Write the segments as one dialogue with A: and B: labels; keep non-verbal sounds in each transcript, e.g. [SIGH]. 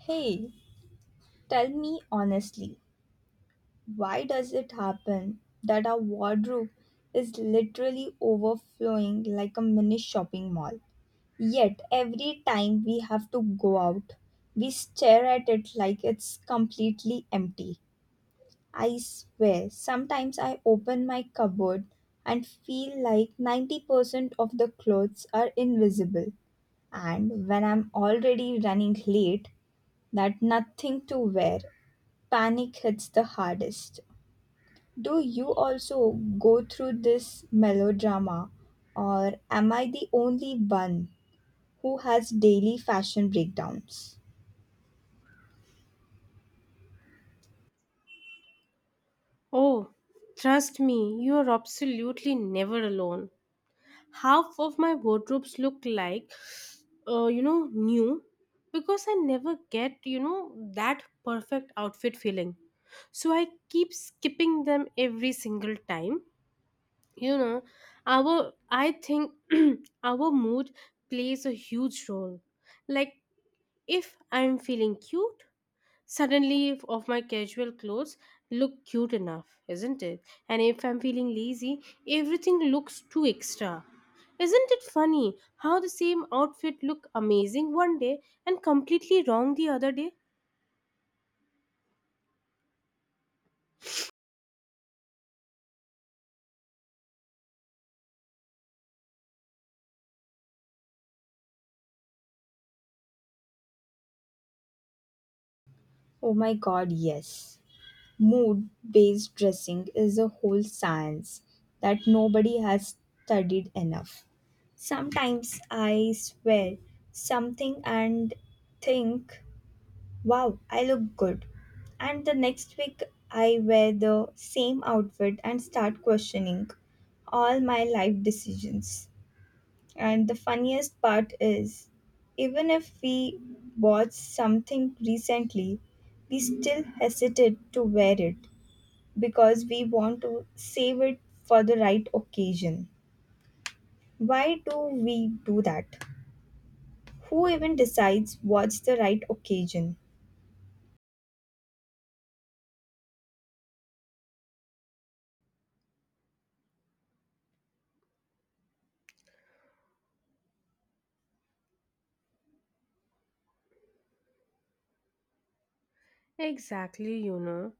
A: Hey, tell me honestly, why does it happen that our wardrobe is literally overflowing like a mini shopping mall? Yet, every time we have to go out, we stare at it like it's completely empty. I swear, sometimes I open my cupboard and feel like 90% of the clothes are invisible. And when I'm already running late, that nothing to wear panic hits the hardest. Do you also go through this melodrama, or am I the only one who has daily fashion breakdowns?
B: Oh, trust me, you are absolutely never alone. Half of my wardrobes look like, new because I never get, that perfect outfit feeling. So I keep skipping them every single time. You know, our I think [CLEARS THROAT] our mood plays a huge role. Like if I'm feeling cute, suddenly, of my casual clothes look cute enough, isn't it? And if I'm feeling lazy, everything looks too extra. Isn't it funny how the same outfit look amazing one day and completely wrong the other day?
A: Oh my god, yes. Mood based dressing is a whole science that nobody has studied enough. Sometimes I swear something and think wow, I look good. And the next week, I wear the same outfit and start questioning all my life decisions. And the funniest part is, even if we bought something recently, we still hesitate to wear it because we want to save it for the right occasion. Why do we do that? Who even decides what's the right occasion?
B: Exactly. you know.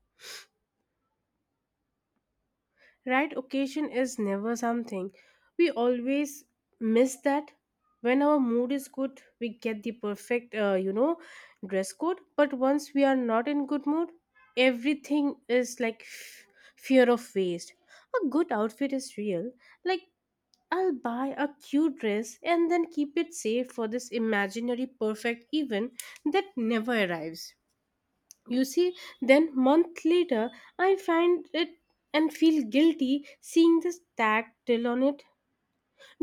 B: Right occasion is never something. We always miss that. When our mood is good we get the perfect dress code, but once we are not in good mood everything is like fear of waste. A good outfit is real. Like, I'll buy a cute dress and then keep it safe for this imaginary perfect event that never arrives. You see, then month later, I find it and feel guilty seeing the tag still on it.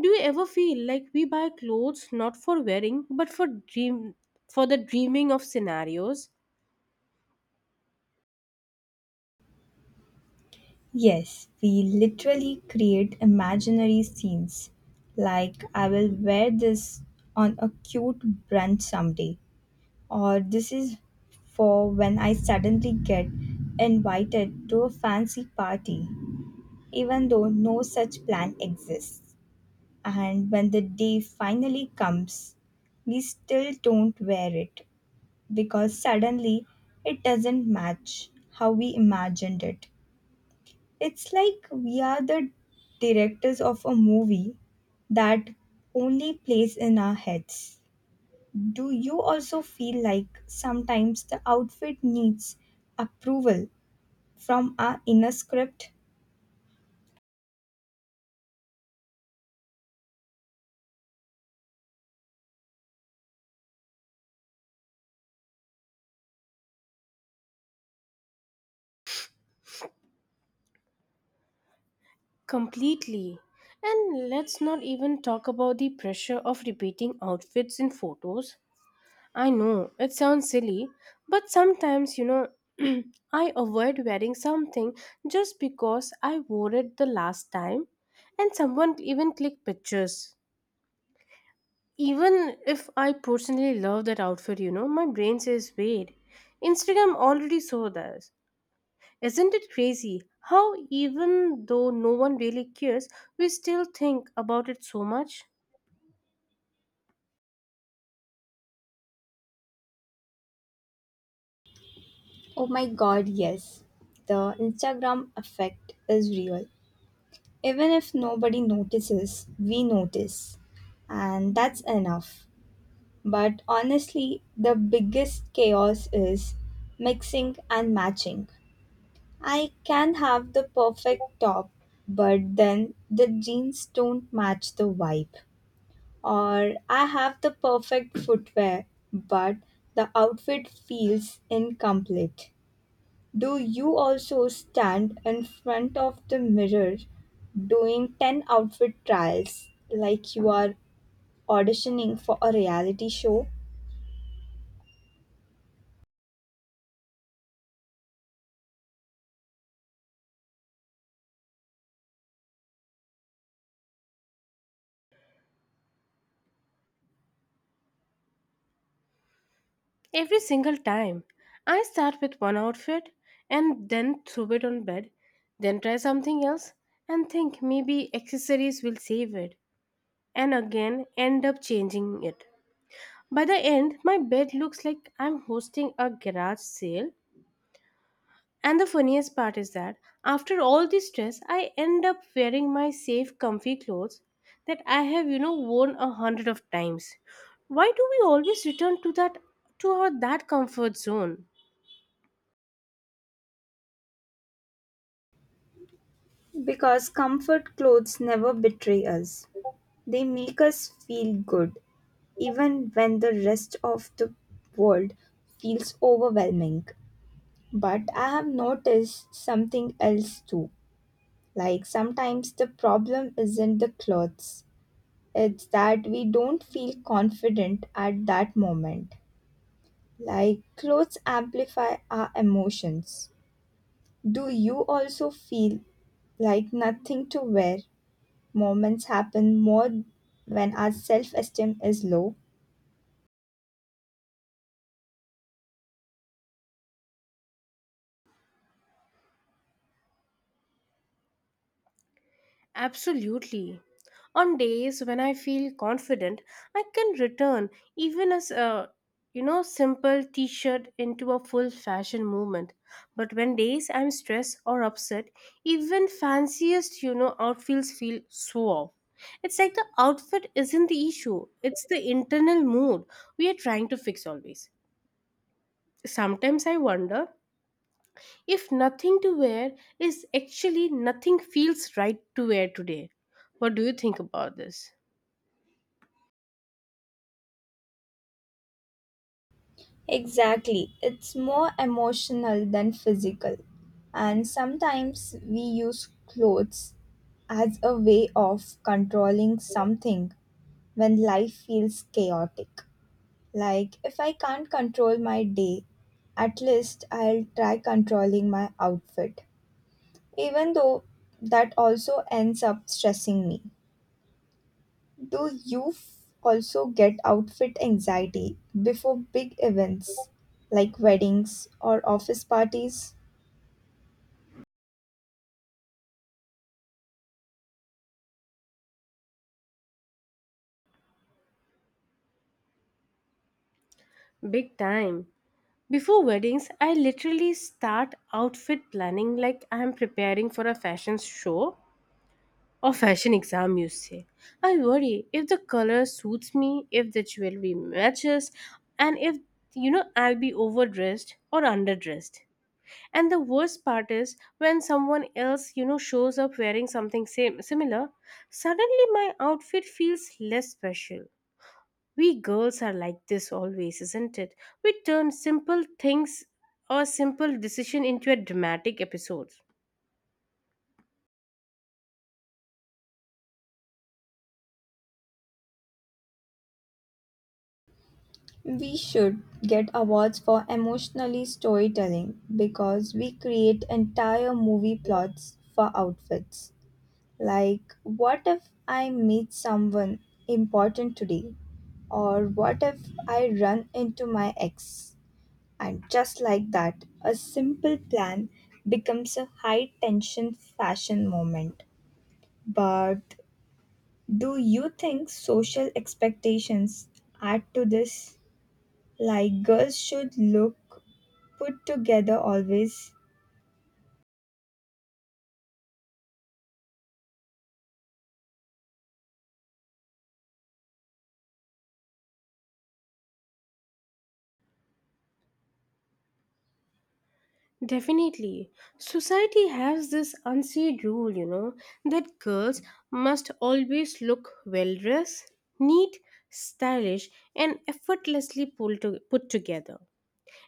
B: Do you ever feel like we buy clothes not for wearing but for dream for the dreaming of scenarios?
A: Yes, we literally create imaginary scenes. Like, I will wear this on a cute brunch someday, or this is for when I suddenly get invited to a fancy party, even though no such plan exists. And when the day finally comes, we still don't wear it because suddenly it doesn't match how we imagined it. It's like we are the directors of a movie that only plays in our heads. Do you also feel like sometimes the outfit needs approval from our inner script?
B: Completely. And let's not even talk about the pressure of repeating outfits in photos. I know it sounds silly, but sometimes, [CLEARS THROAT] I avoid wearing something just because I wore it the last time, and someone even click pictures. Even if I personally love that outfit, my brain says, wait, Instagram already saw this. Isn't it crazy how, even though no one really cares, we still think about it so much?
A: Oh my god, yes. The Instagram effect is real. Even if nobody notices, we notice. And that's enough. But honestly, the biggest chaos is mixing and matching. I can have the perfect top, but then the jeans don't match the vibe. Or I have the perfect footwear, but the outfit feels incomplete. Do you also stand in front of the mirror doing 10 outfit trials like you are auditioning for a reality show?
B: Every single time, I start with one outfit and then throw it on bed, then try something else and think maybe accessories will save it, and again end up changing it. By the end, my bed looks like I'm hosting a garage sale. And the funniest part is that after all this stress, I end up wearing my safe, comfy clothes that I have, worn a hundred of times. Why do we always return to that to our that comfort zone?
A: Because comfort clothes never betray us, they make us feel good even when the rest of the world feels overwhelming. But I have noticed something else too. Like sometimes the problem isn't the clothes, it's that we don't feel confident at that moment. Like clothes amplify our emotions. Do you also feel like nothing to wear? Moments happen more when our self esteem is low.
B: Absolutely. On days when I feel confident, I can return even as a simple t-shirt into a full fashion movement. But when days I'm stressed or upset, even fanciest outfits feel so off. It's like the outfit isn't the issue, it's the internal mood we are trying to fix always. Sometimes I wonder if nothing to wear is actually nothing feels right to wear today. What do you think about this?
A: Exactly. It's more emotional than physical. And sometimes we use clothes as a way of controlling something when life feels chaotic. Like, if I can't control my day, at least I'll try controlling my outfit, even though that also ends up stressing me. Do you also get outfit anxiety before big events like weddings or office parties?
B: Big time. Before weddings, I literally start outfit planning like I am preparing for a fashion show or fashion exam, you say. I worry if the color suits me, if the jewelry matches, and if I'll be overdressed or underdressed. And the worst part is when someone else, shows up wearing something same similar, suddenly my outfit feels less special. We girls are like this always, isn't it? We turn simple things or simple decision into a dramatic episode.
A: We should get awards for emotionally storytelling because we create entire movie plots for outfits. Like, what if I meet someone important today? Or what if I run into my ex? And just like that, a simple plan becomes a high tension fashion moment. But do you think social expectations add to this? Like girls should look put together always?
B: Definitely. Society has this unsaid rule, that girls must always look well dressed, neat, stylish, and effortlessly put together.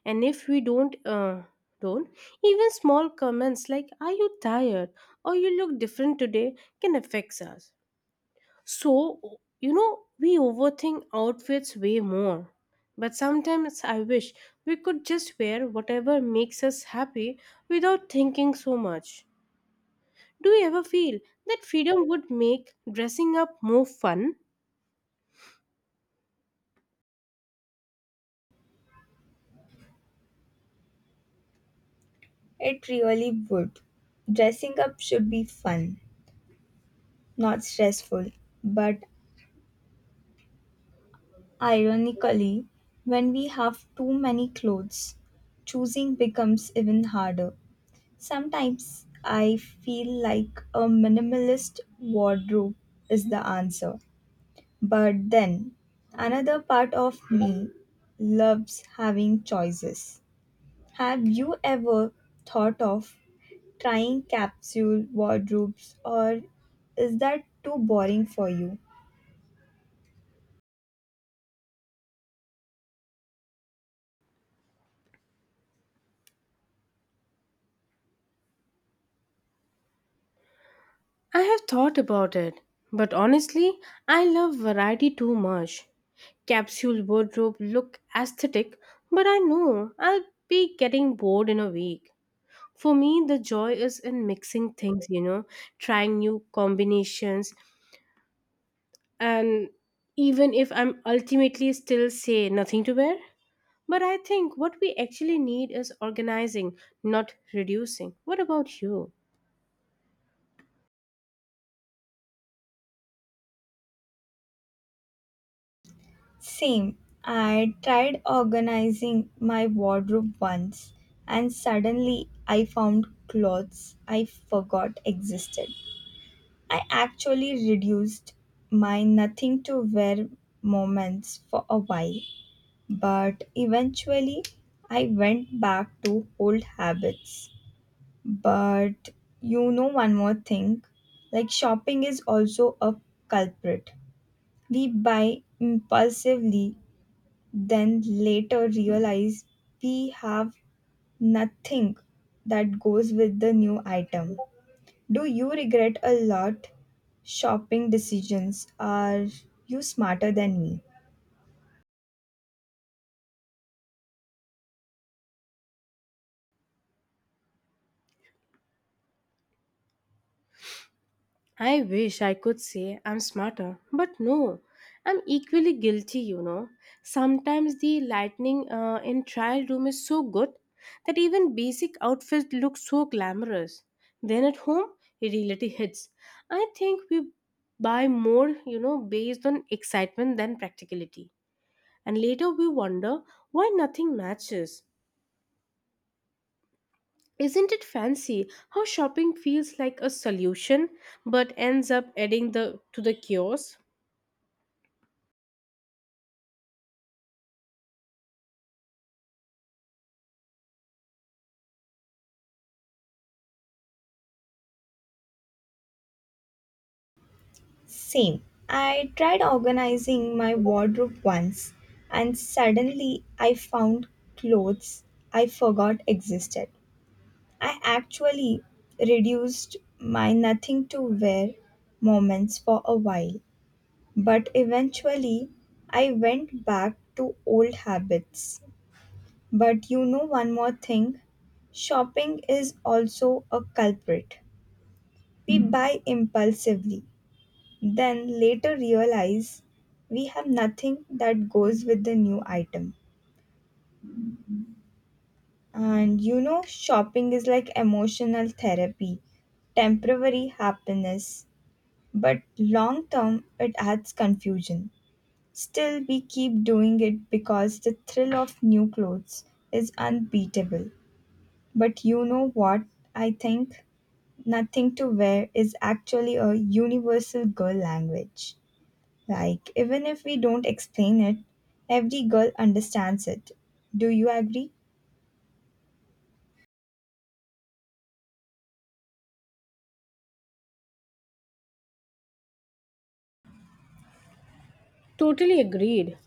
B: And if we don't, even small comments like are you tired or you look different today can affect us. So, you know we overthink outfits way more, but sometimes I wish we could just wear whatever makes us happy without thinking so much. Do you ever feel that freedom would make dressing up more fun?
A: It really would. Dressing up should be fun, not stressful. But ironically, when we have too many clothes, choosing becomes even harder. Sometimes I feel like a minimalist wardrobe is the answer. But then, another part of me loves having choices. Have you ever thought of trying capsule wardrobes or is that too boring for you?
B: I have thought about it, but honestly, I love variety too much. Capsule wardrobe look aesthetic, but I know I'll be getting bored in a week. For me, the joy is in mixing things, trying new combinations, and even if I'm ultimately still say nothing to wear. But I think what we actually need is organizing, not reducing. What about you?
A: Same. I tried organizing my wardrobe once and suddenly I found clothes I forgot existed. I actually reduced my nothing to wear moments for a while, but eventually I went back to old habits. But you know, one more thing like shopping is also a culprit. We buy impulsively, then later realize we have nothing that goes with the new item. Do you regret a lot shopping decisions? Are you smarter than me?
B: I wish I could say I'm smarter, but no, I'm equally guilty, you know. Sometimes the lighting in trial room is so good that even basic outfits look so glamorous. Then at home, reality hits. I think we buy more, based on excitement than practicality. And later we wonder why nothing matches. Isn't it fancy how shopping feels like a solution but ends up adding the to the chaos?
A: Same. I tried organizing my wardrobe once and suddenly I found clothes I forgot existed. I actually reduced my nothing to wear moments for a while, but eventually I went back to old habits. But you know one more thing shopping is also a culprit. We buy impulsively, then later realize we have nothing that goes with the new item. And you know, shopping is like emotional therapy, temporary happiness, but long term it adds confusion. Still, we keep doing it because the thrill of new clothes is unbeatable. But you know what I think? Nothing to wear is actually a universal girl language. Like, even if we don't explain it, every girl understands it. Do you agree?
B: Totally agreed.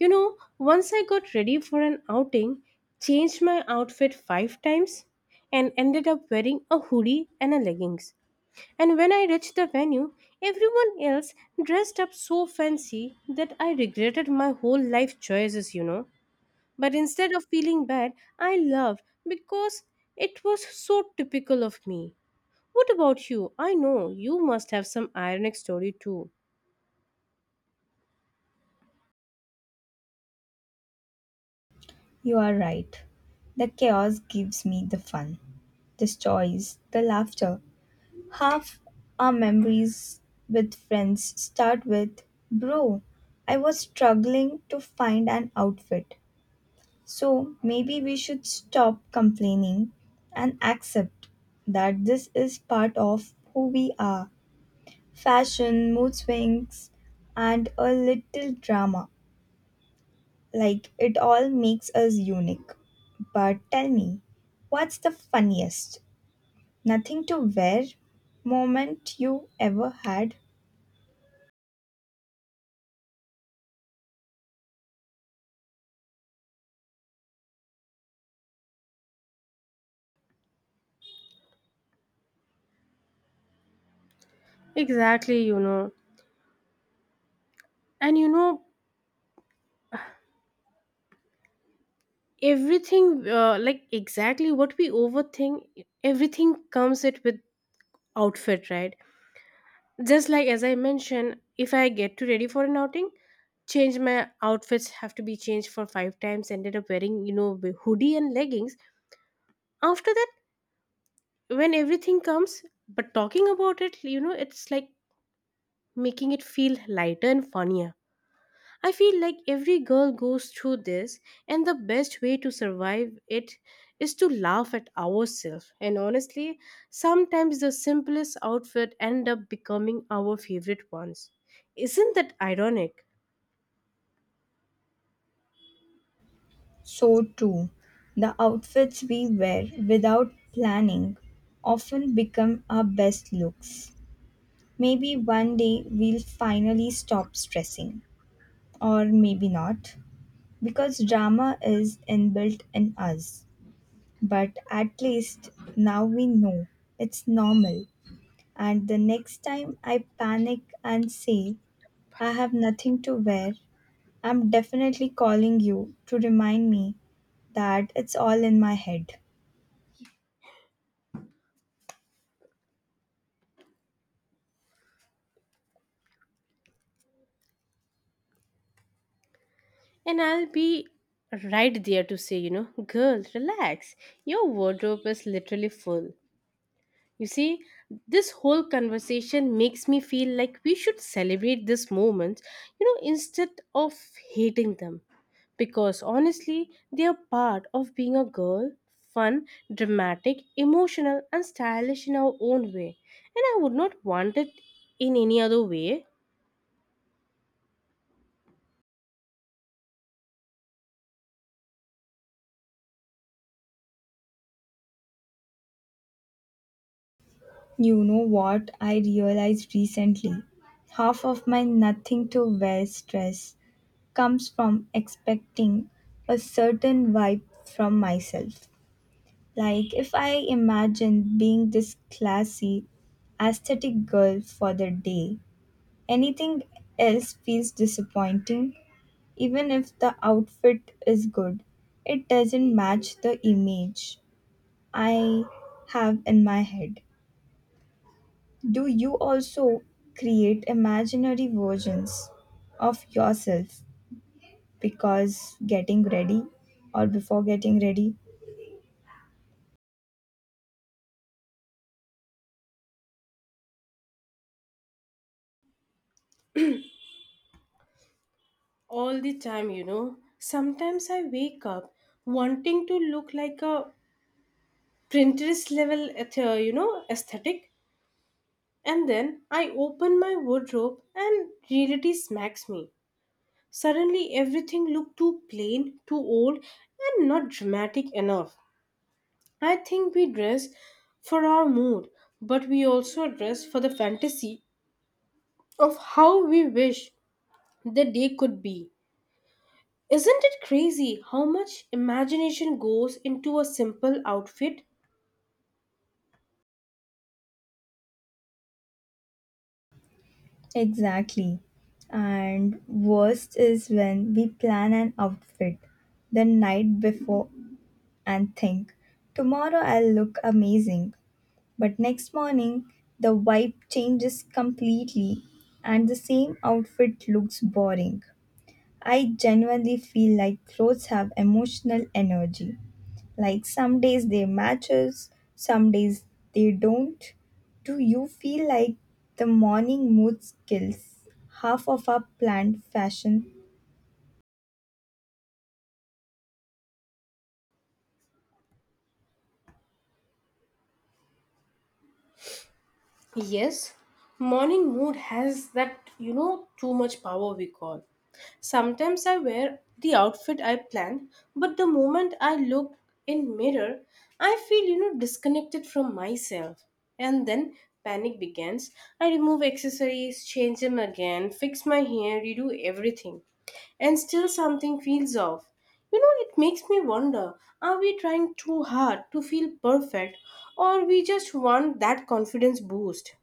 B: You know, once I got ready for an outing, changed my outfit five times, and ended up wearing a hoodie and a leggings. And when I reached the venue, everyone else dressed up so fancy that I regretted my whole life choices, you know. But instead of feeling bad, I loved because it was so typical of me. What about you? I know you must have some ironic story too.
A: You are right. The chaos gives me the fun, the joys, the laughter. Half our memories with friends start with, bro, I was struggling to find an outfit. So maybe we should stop complaining and accept that this is part of who we are. Fashion, mood swings, and a little drama. Like it all makes us unique. But tell me, what's the funniest nothing to wear moment you ever had?
B: Exactly, you know. And you know, everything like exactly what we overthink, everything comes it with outfit right, just like as I mentioned, if I get to ready for an outing, change my outfits have to be changed for five times, ended up wearing the hoodie and leggings. After that, when everything comes, but talking about it, it's like making it feel lighter and funnier. I feel like every girl goes through this, and the best way to survive it is to laugh at ourselves. And honestly, sometimes the simplest outfit end up becoming our favorite ones. Isn't that ironic?
A: So too, the outfits we wear without planning often become our best looks. Maybe one day we'll finally stop stressing, or maybe not, because drama is inbuilt in us. But at least now we know it's normal, and the next time I panic and say I have nothing to wear, I'm definitely calling you to remind me that it's all in my head.
B: And I'll be right there to say, girl, relax. Your wardrobe is literally full. You see, this whole conversation makes me feel like we should celebrate these moments, instead of hating them. Because honestly, they are part of being a girl: fun, dramatic, emotional, and stylish in our own way. And I would not want it in any other way.
A: You know what I realized recently? Half of my nothing to wear stress comes from expecting a certain vibe from myself. Like, if I imagine being this classy, aesthetic girl for the day, anything else feels disappointing. Even if the outfit is good, it doesn't match the image I have in my head. Do you also create imaginary versions of yourself because getting ready or before getting ready.
B: All the time, you know, sometimes I wake up wanting to look like a Pinterest level, aesthetic. And then I open my wardrobe and reality smacks me. Suddenly everything looked too plain, too old, and not dramatic enough. I think we dress for our mood, but we also dress for the fantasy of how we wish the day could be. Isn't it crazy how much imagination goes into a simple outfit?
A: Exactly. And worst is when we plan an outfit the night before and think, tomorrow I'll look amazing. But next morning, the vibe changes completely and the same outfit looks boring. I genuinely feel like clothes have emotional energy. Like some days they matches, some days they don't. Do you feel like the morning mood skills half of our planned fashion?
B: Yes, morning mood has that, too much power we call. Sometimes I wear the outfit I planned, but the moment I look in mirror, I feel, disconnected from myself. And then panic begins. I remove accessories, change them again, fix my hair, redo everything. And still something feels off. You know, it makes me wonder, are we trying too hard to feel perfect or we just want that confidence boost?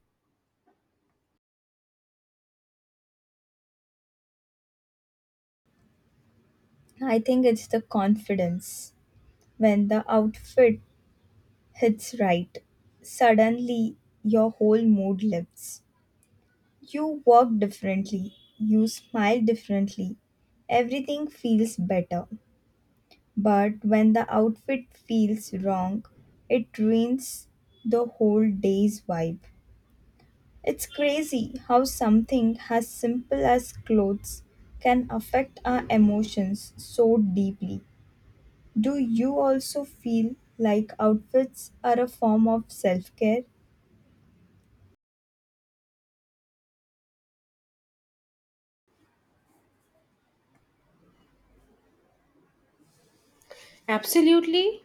A: I think it's the confidence when the outfit hits right. Suddenly your whole mood lifts. You walk differently, you smile differently. Everything feels better. But when the outfit feels wrong, it ruins the whole day's vibe. It's crazy how something as simple as clothes can affect our emotions so deeply. Do you also feel like outfits are a form of self care?
B: Absolutely.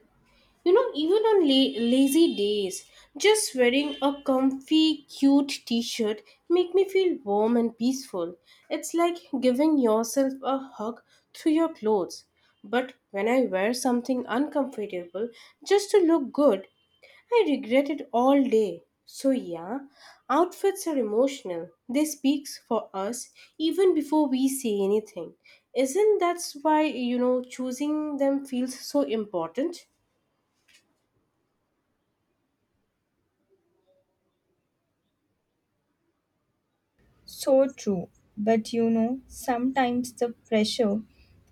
B: You know, even on lazy days, just wearing a comfy, cute t shirt make me feel warm and peaceful. It's like giving yourself a hug through your clothes. But when I wear something uncomfortable just to look good, I regret it all day. So yeah, outfits are emotional. They speaks for us even before we say anything. Isn't that's why choosing them feels so important?
A: So true. But you know, sometimes the pressure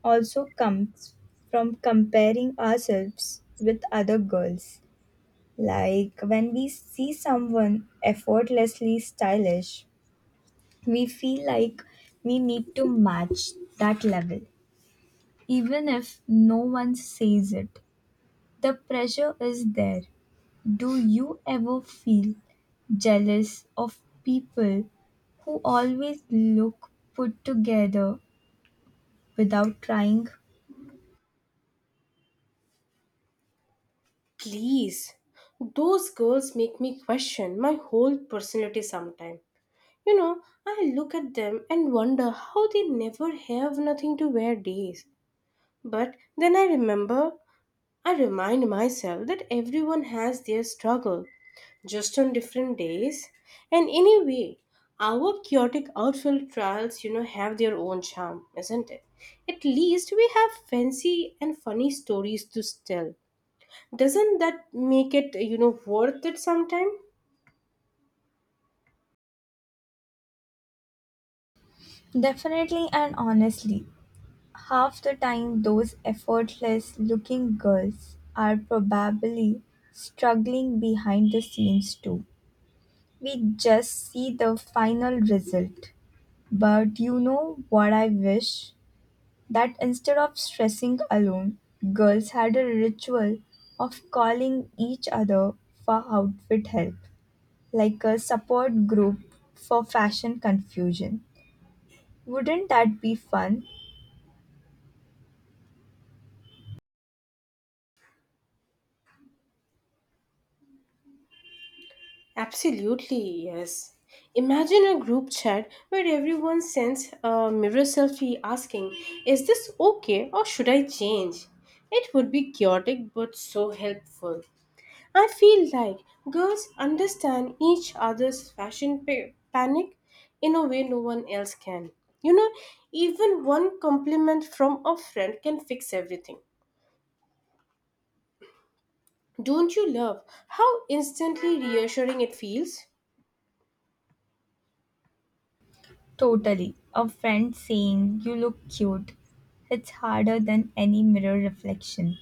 A: also comes from comparing ourselves with other girls. Like when we see someone effortlessly stylish, we feel like we need to match that level, even if no one says it. The pressure is there. Do you ever feel jealous of people who always look put together without trying?
B: Please. Those girls make me question my whole personality sometimes. You know, I look at them and wonder how they never have nothing to wear days. But then I remind myself that everyone has their struggle, just on different days. And anyway, our chaotic outfield trials, have their own charm, isn't it? At least we have fancy and funny stories to tell. Doesn't that make it, worth it sometime?
A: Definitely and honestly, half the time, those effortless looking girls are probably struggling behind the scenes too. We just see the final result. But you know what I wish? That instead of stressing alone, girls had a ritual of calling each other for outfit help, like a support group for fashion confusion. Wouldn't that be fun?
B: Absolutely, yes. Imagine a group chat where everyone sends a mirror selfie asking, is this okay or should I change? It would be chaotic but so helpful. I feel like girls understand each other's fashion panic in a way no one else can. You know, even one compliment from a friend can fix everything. Don't you love how instantly reassuring it feels?
A: Totally. A friend saying you look cute hits harder than any mirror reflection.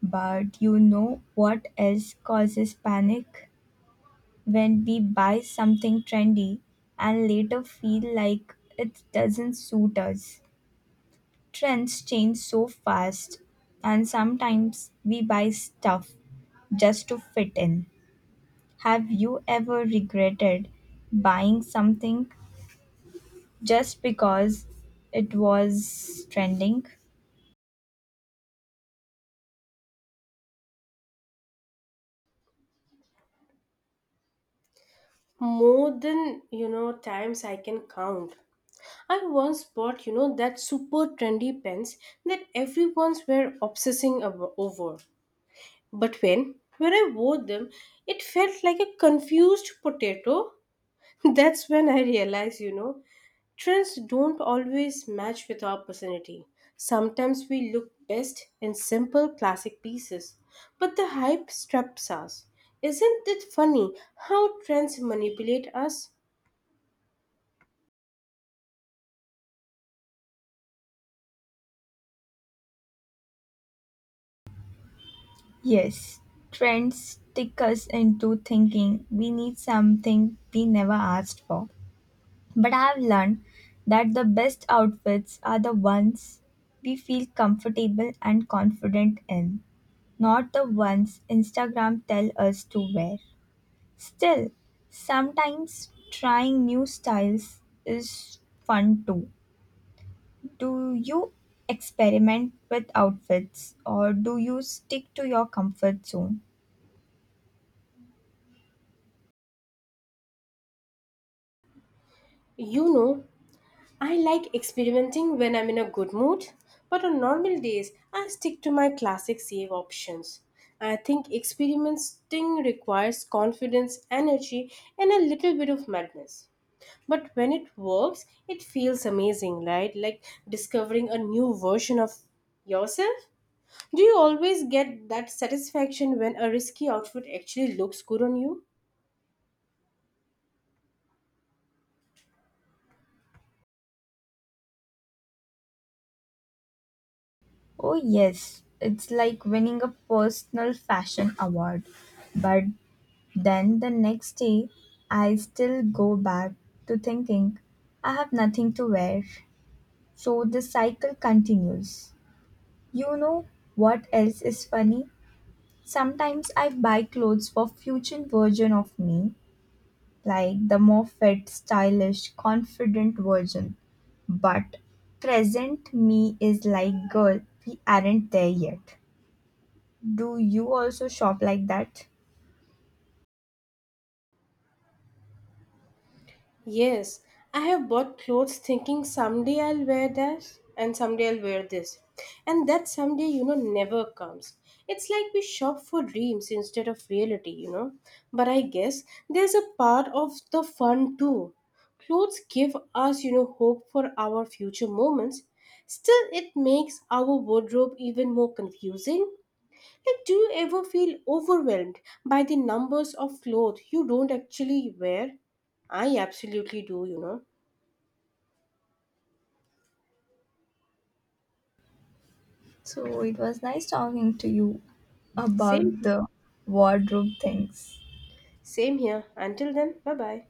A: But you know what else causes panic? When we buy something trendy and later feel like it doesn't suit us. Trends change so fast, and sometimes we buy stuff just to fit in. Have you ever regretted buying something just because it was trending?
B: More than times I can count. I once bought that super trendy pens that everyone's were obsessing over. But when I wore them, it felt like a confused potato. [LAUGHS] That's when I realized, trends don't always match with our personality. Sometimes we look best in simple classic pieces, but the hype traps us. Isn't it funny how trends manipulate us?
A: Yes, trends stick us into thinking we need something we never asked for. But I have learned that the best outfits are the ones we feel comfortable and confident in, not the ones Instagram tell us to wear. Still, sometimes trying new styles is fun too. Do you experiment with outfits or do you stick to your comfort zone?
B: You know, I like experimenting when I'm in a good mood, but on normal days, I stick to my classic save options. I think experimenting requires confidence, energy, and a little bit of madness. But when it works, it feels amazing, right? Like discovering a new version of yourself. Do you always get that satisfaction when a risky outfit actually looks good on you?
A: Oh, yes, it's like winning a personal fashion award. But then the next day, I still go back to thinking I have nothing to wear. So the cycle continues. You know what else is funny? Sometimes I buy clothes for future version of me like the Moffat stylish, confident version. But present me is like, girl, we aren't there yet. Do you also shop like that?
B: Yes, I have bought clothes thinking someday I'll wear that and someday I'll wear this. And that someday, never comes. It's like we shop for dreams instead of reality, you know. But I guess there's a part of the fun too. Clothes give us, hope for our future moments. Still, it makes our wardrobe even more confusing, like, do you ever feel overwhelmed by the numbers of clothes you don't actually wear? I absolutely do, you know.
A: So it was nice talking to you about
B: Same,
A: the wardrobe things.
B: same here. Until then, bye bye.